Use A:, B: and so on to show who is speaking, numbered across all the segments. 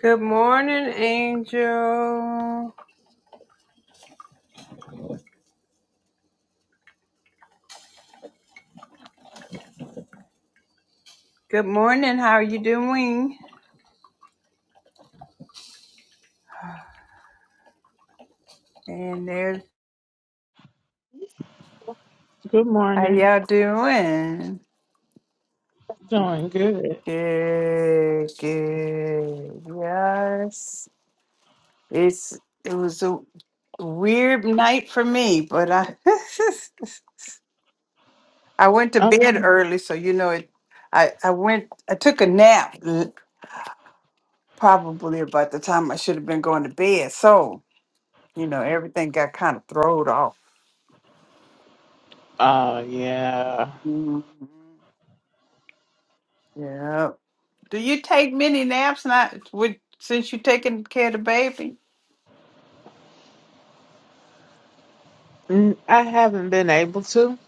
A: Good morning, Angel. Good morning. How are you doing? And there's
B: Good
A: how
B: morning.
A: y'all doing?
B: Doing good.
A: Good, good. Yes, it's it was a weird night for me, but I I went to bed
B: Um,
A: early, so you know it. I I went I took a nap l- probably about the time I should have been going to bed, so you know everything got kind of thrown off.
B: oh yeah.
A: Mhm. Yeah. Do you take many naps now with since you're taking care of the baby?
B: Mm, I haven't been able to.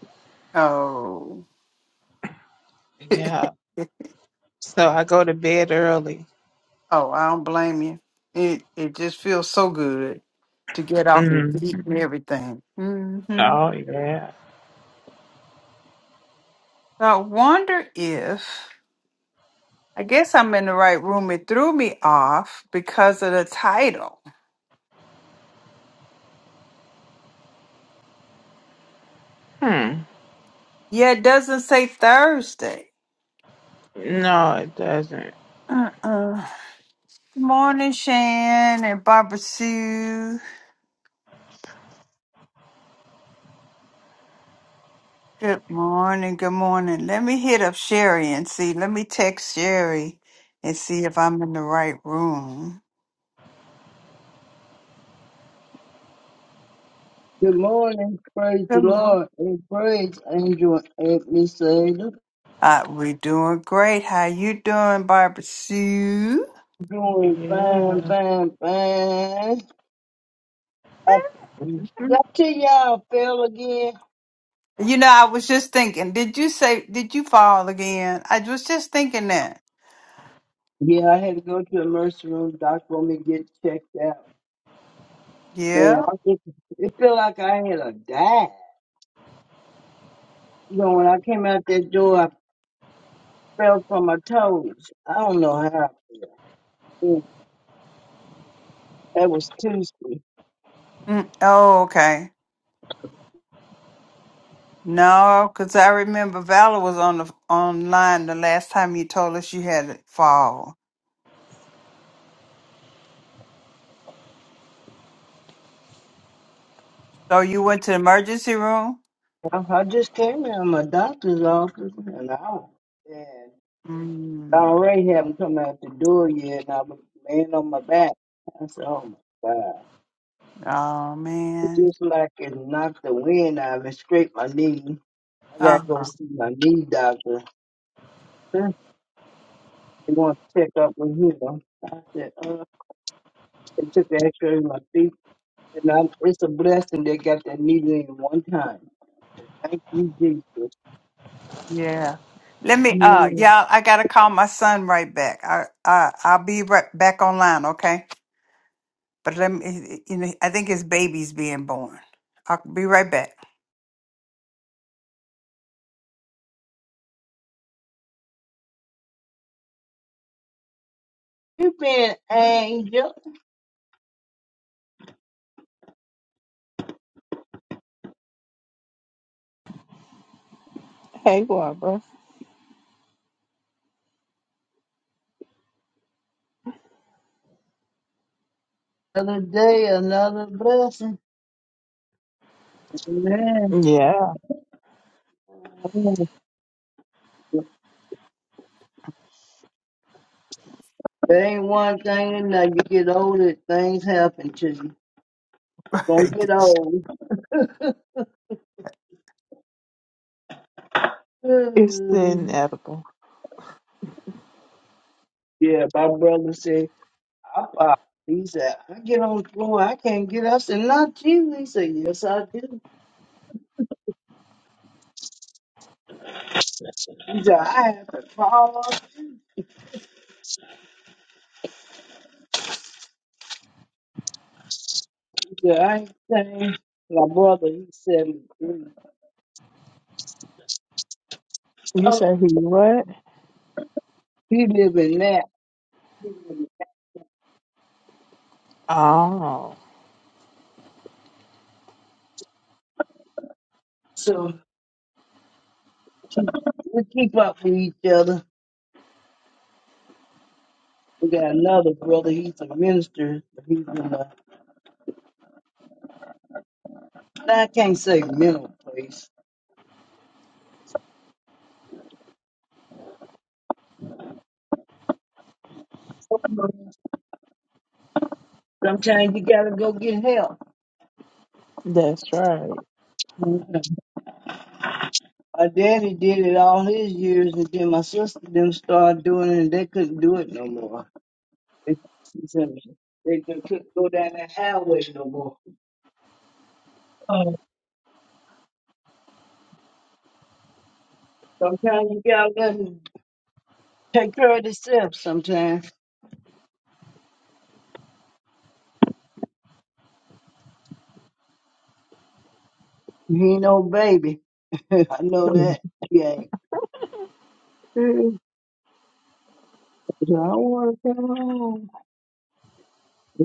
A: Oh.
B: Yeah. So I go to bed early.
A: Oh, I don't blame you. It it just feels so good to get off your
B: Mm.
A: feet and everything. mm hmm
B: Oh yeah.
A: So I wonder if I guess I'm in the right room. It threw me off because of the title.
B: Hmm.
A: Yeah, it doesn't say Thursday.
B: No, it doesn't.
A: Uh-uh. Good morning, Shan and Barbara Sue. Good morning. Good morning. Let me hit up Sherry and see. Let me text Sherry and see if I'm in the right room.
C: Good morning, praise the
A: Good morning.
C: Lord, and praise Angel and Miss Sailor.
A: Uh, we're doing great. How you doing, Barbara Sue?
C: Doing fine,
B: Yeah.
C: fine, fine. I, did I
B: Mm.
C: tell y'all I fell again?
A: You know, I was just thinking. Did you say? Did you fall again? I was just thinking that.
C: Yeah, I had to go to the emergency room. Doctor want me to get checked out. Man,
A: Yeah.
C: I just, it felt like I had a dive. You know, when I came out that door, I fell from my toes. I don't know how. Mm, That was Tuesday.
A: Mm, oh, okay. No, because I remember Valor was on the online the last time you told us you had a fall. So you went to the emergency room.
C: I, I just came out of my doctor's office, and I was dead.
A: Mm.
C: Already haven't come out the door yet, and I was laying on my back. I said, "Oh my God!"
A: Oh
C: It's
A: man.
C: just like it knocked the wind out of me, scraped my knee. I gotta go
A: Uh-huh.
C: see my knee doctor. Huh? They want to check up with him. I said, "Uh," they took the X-ray of my feet, and I, it's a blessing they got that needle in one time. Thank you, Jesus.
A: Yeah. Let me uh
C: Yeah.
A: yeah, I gotta call my son right back. I I I'll be right back online, okay? But let me you know, I think his baby's being born. I'll be right back.
C: You been an angel.
B: Hey, Barbara.
C: Another day, another blessing. Amen.
B: Yeah.
C: There ain't one thing in that You get older, things happen to you. Gonna get old.
B: It's the
C: Mm.
B: inedible.
C: yeah, my brother said, I pop. He said, I get on the floor, I can't get up. I said, not you. He said, yes, I do. He said, I have to fall off. He said, I ain't saying. My brother, he said,
B: You
C: oh,
B: say he what?
C: he live in that. He live in-
B: Oh,
C: So we keep up with each other. We got another brother. He's a minister. He's in uh, I can't say mental, please. Sometimes you gotta go get help.
B: that's right.
C: My daddy did it all his years, and then my sister them started doing it, and they couldn't do it no more. They, they couldn't go down that highway no more. Oh, Sometimes you gotta let them take care of themselves. Sometimes he ain't no baby. I know that. He ain't. Mm, I don't want to come home.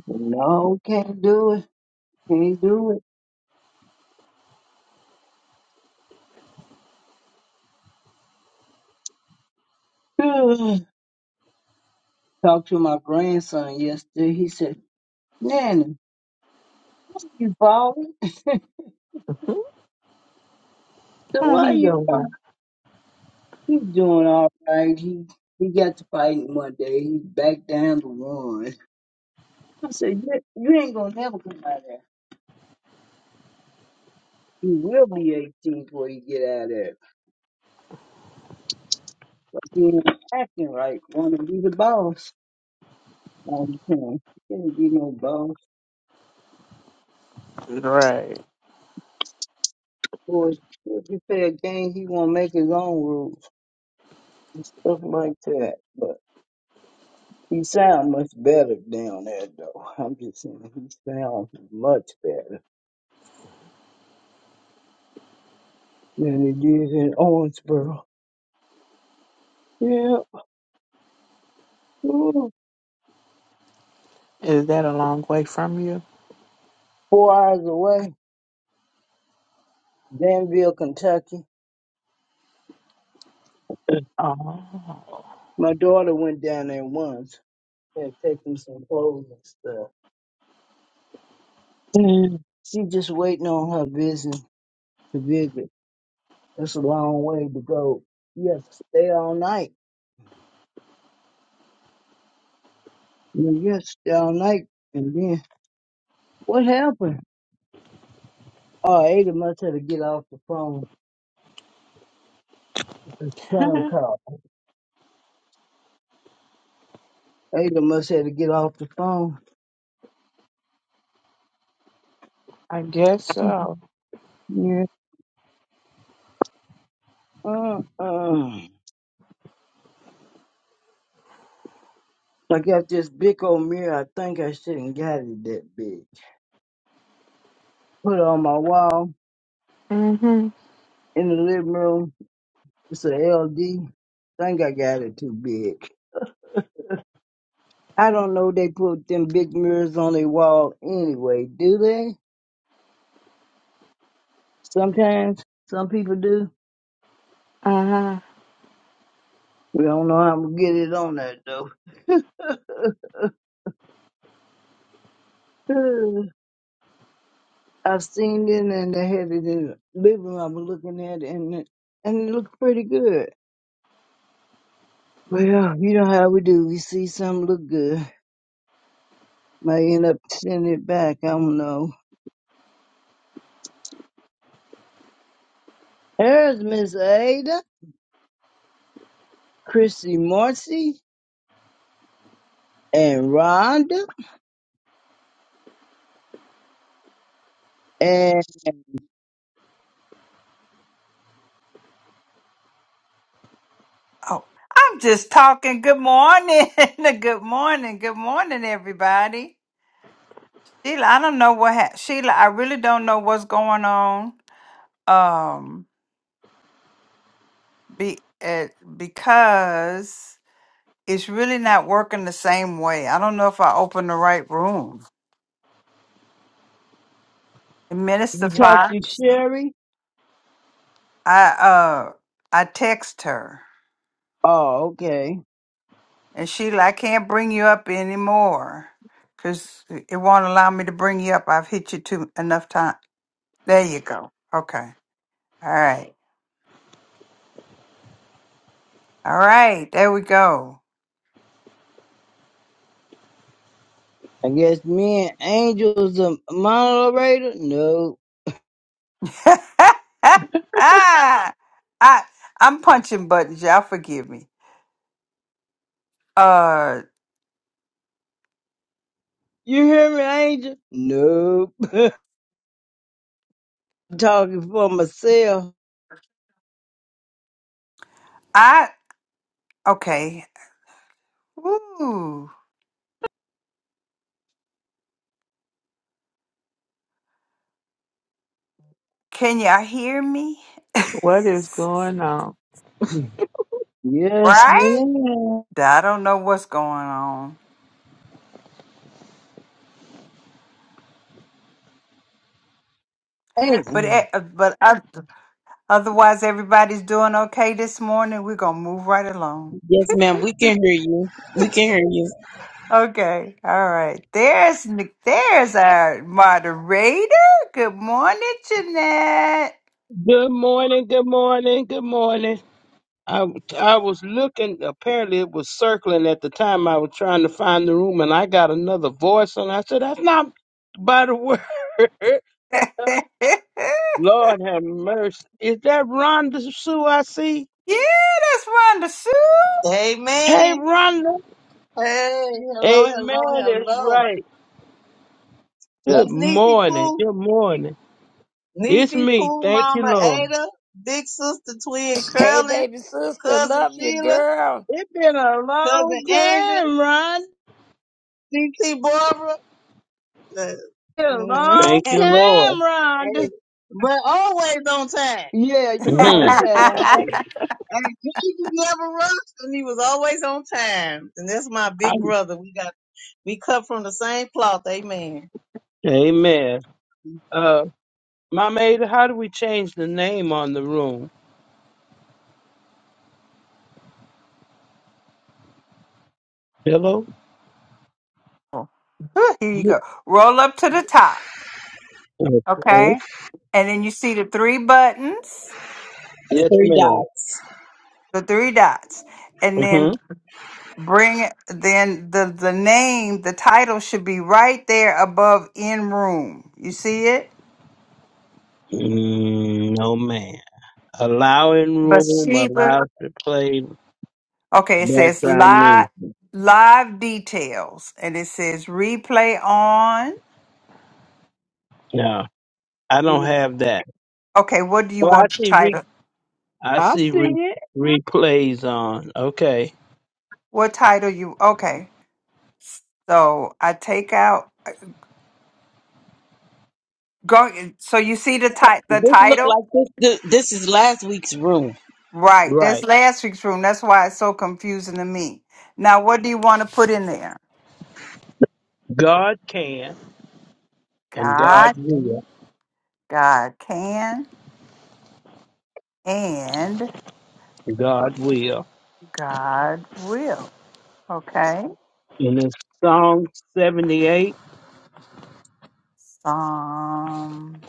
C: No, can't do it. Can't do it. Talked to my grandson yesterday. He said, Nanny, why are you falling? so
B: How
C: why are
B: he
C: you falling?
B: doing?
C: He's doing all right. He he got to fighting one day. He's back down to one. I said, you, you ain't gonna never come out of there. You will be 18 before you get out of there. He ain't acting right. Want to be the boss. all the time. He can't be no boss.
B: Right.
C: Or if you play a game, he won't make his own rules and stuff like that. He sound much better down there, though. I'm just saying, he sounds much better than he did in Owensboro. Yeah, ooh,
B: Is that a long way from you?
C: four hours away, Danville, Kentucky.
B: Oh.
C: My daughter went down there once and taken some clothes and stuff. And she just waiting on her visit to visit. That's a long way to go. You have to stay all night. You have to stay all night. And then what happened? Oh, Ada must have to get off the phone. The phone call. Ada must have to get off the phone.
B: I guess so.
C: Yeah. Uh-uh. I got this big old mirror. I think I shouldn't got it that big. Put it on my wall
B: hmm
C: in the living room. It's a LD. Think I got it too big. I don't know they put them big mirrors on their wall anyway, do they? Sometimes. Some people do.
B: Uh-huh.
C: We don't know how I'm gonna get it on that though. I have seen it and I had it in the living room. I was looking at it and it, and it looked pretty good. Well, you know how we do. We see something look good. Might end up sending it back. I don't know. There's Miss Ada, Chrissy Marcy, and Rhonda. And
A: Oh, I'm just talking. Good morning. good morning. Good morning, everybody. Sheila, I don't know what hap Sheila, I really don't know what's going on. Um be uh, because it's really not working the same way. I don't know if I opened the right room. And Minister
C: you
A: Mhm.
C: talked to
A: Fox,
C: Sherry?
A: I uh I text her
C: Oh, okay.
A: and she like I can't bring you up anymore because it won't allow me to bring you up. I've hit you too enough time. There you go. Okay. All right. All right. There we go.
C: I guess me and Angel's a moderator? No.
A: I I'm punching buttons. Y'all forgive me. Uh,
C: You hear me, Angel? Nope. Talking for myself.
A: I okay. Ooh. Can y'all hear me?
B: What is going on?
C: Yes,
A: right?
C: madam
A: I don't know what's going on,
C: Hey,
A: but e- but oth- otherwise everybody's doing okay this morning. We're gonna move right along.
D: Yes, ma'am. We can hear you. We can hear you.
A: Okay, all right. There's Nic- there's our moderator. Good morning, Jeanette.
E: Good morning, good morning, good morning. I, I was looking, apparently it was circling at the time I was trying to find the room, and I got another voice, and I said, That's not by the word.
A: yeah,
E: Lord have mercy. Is that Rhonda Sue I see?
A: that's Rhonda Sue.
E: Hey,
F: Amen.
E: Rhonda.
F: Hey, hello, hello,
E: Amen, that's
F: hello.
E: right. Good
F: That's Niecy
E: morning,
F: Pooh.
E: good morning. It's
F: Niecy
E: me.
F: Pooh,
E: Thank you,
F: Mama
E: Lord.
F: Ada, Big Sister Twin
G: Hey,
F: Curlin,
G: baby sister,
F: Cousin
G: love you,
F: Sheila,
G: girl.
C: It's been a
F: Cousin
C: long
F: Angel,
C: time, Rhonda.
F: CT Barbara. Uh,
C: A
F: mm,
C: long
E: Thank
F: hey,
E: you, Lord.
C: time, Rhonda.
F: but always on time.
C: Yeah, you
E: hmm
C: on time.
F: And he was never rushed and he was always on time. And that's my big brother. We got, we cut from the same cloth. Amen.
E: Amen. Uh, Mama Ada, how do we change the name on the room? Hello?
A: Here you
D: The
A: go. Roll up to the top.
E: Okay.
A: Okay, and then you see the three buttons.
E: Yes,
D: three
E: ma'am.
D: dots.
A: the three dots and then
E: Mm-hmm.
A: bring it- then the the name the title should be right there above in room you see it
E: Mm, no, ma'am. Allowing room
A: bathsheba
E: allows to play
A: okay it says
E: background
A: live
E: music.
A: live details and it says replay on
E: No, I don't
A: Mhm.
E: have that.
A: okay what do you
E: Oh, I
A: want the
E: see. Re-
A: title
E: I
C: I
E: see
C: see
E: re-
C: it.
E: replays on. Okay,
A: what title you okay so i take out go so you see the ti- the
D: This look
A: title
D: like this. This, this is last week's room.
A: Right. That's
E: right.
A: last week's room. That's why it's so confusing to me. Now, what do you want to put in there?
E: God can and God
A: God,
E: will.
A: God can, and
E: God will.
A: God will. Okay.
E: And in Psalm seventy-eight,
A: Psalm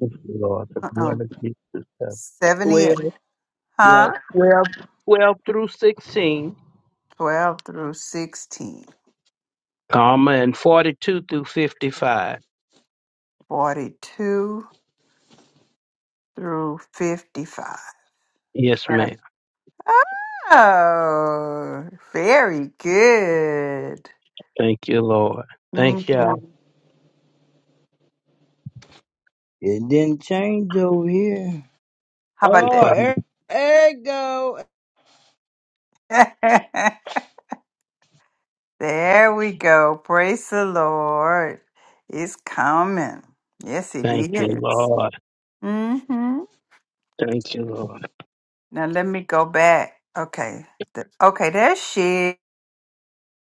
E: Thank you, Lord, the
A: uh-uh,
E: blood of Jesus.
A: 78,
E: Twelve.
A: huh?
E: Yeah, twelve, twelve through sixteen.
A: 12 through sixteen,
E: comma, and 42 through 55.
A: forty-two through 55.
E: Yes,
A: Right.
E: ma'am.
A: Oh, very good.
E: Thank you, Lord. Thank you. Alfred
A: Mhm.
C: It didn't change over here.
A: How about
C: Oh,
E: Prophet.
C: there, there you go.
A: that? There we go. Praise the Lord. It's coming. Yes, it
E: Thank you,
A: is.
E: Lord.
A: Mm-hmm.
E: Thank you, Lord.
A: Now let me go back. Okay. The- okay, there she is.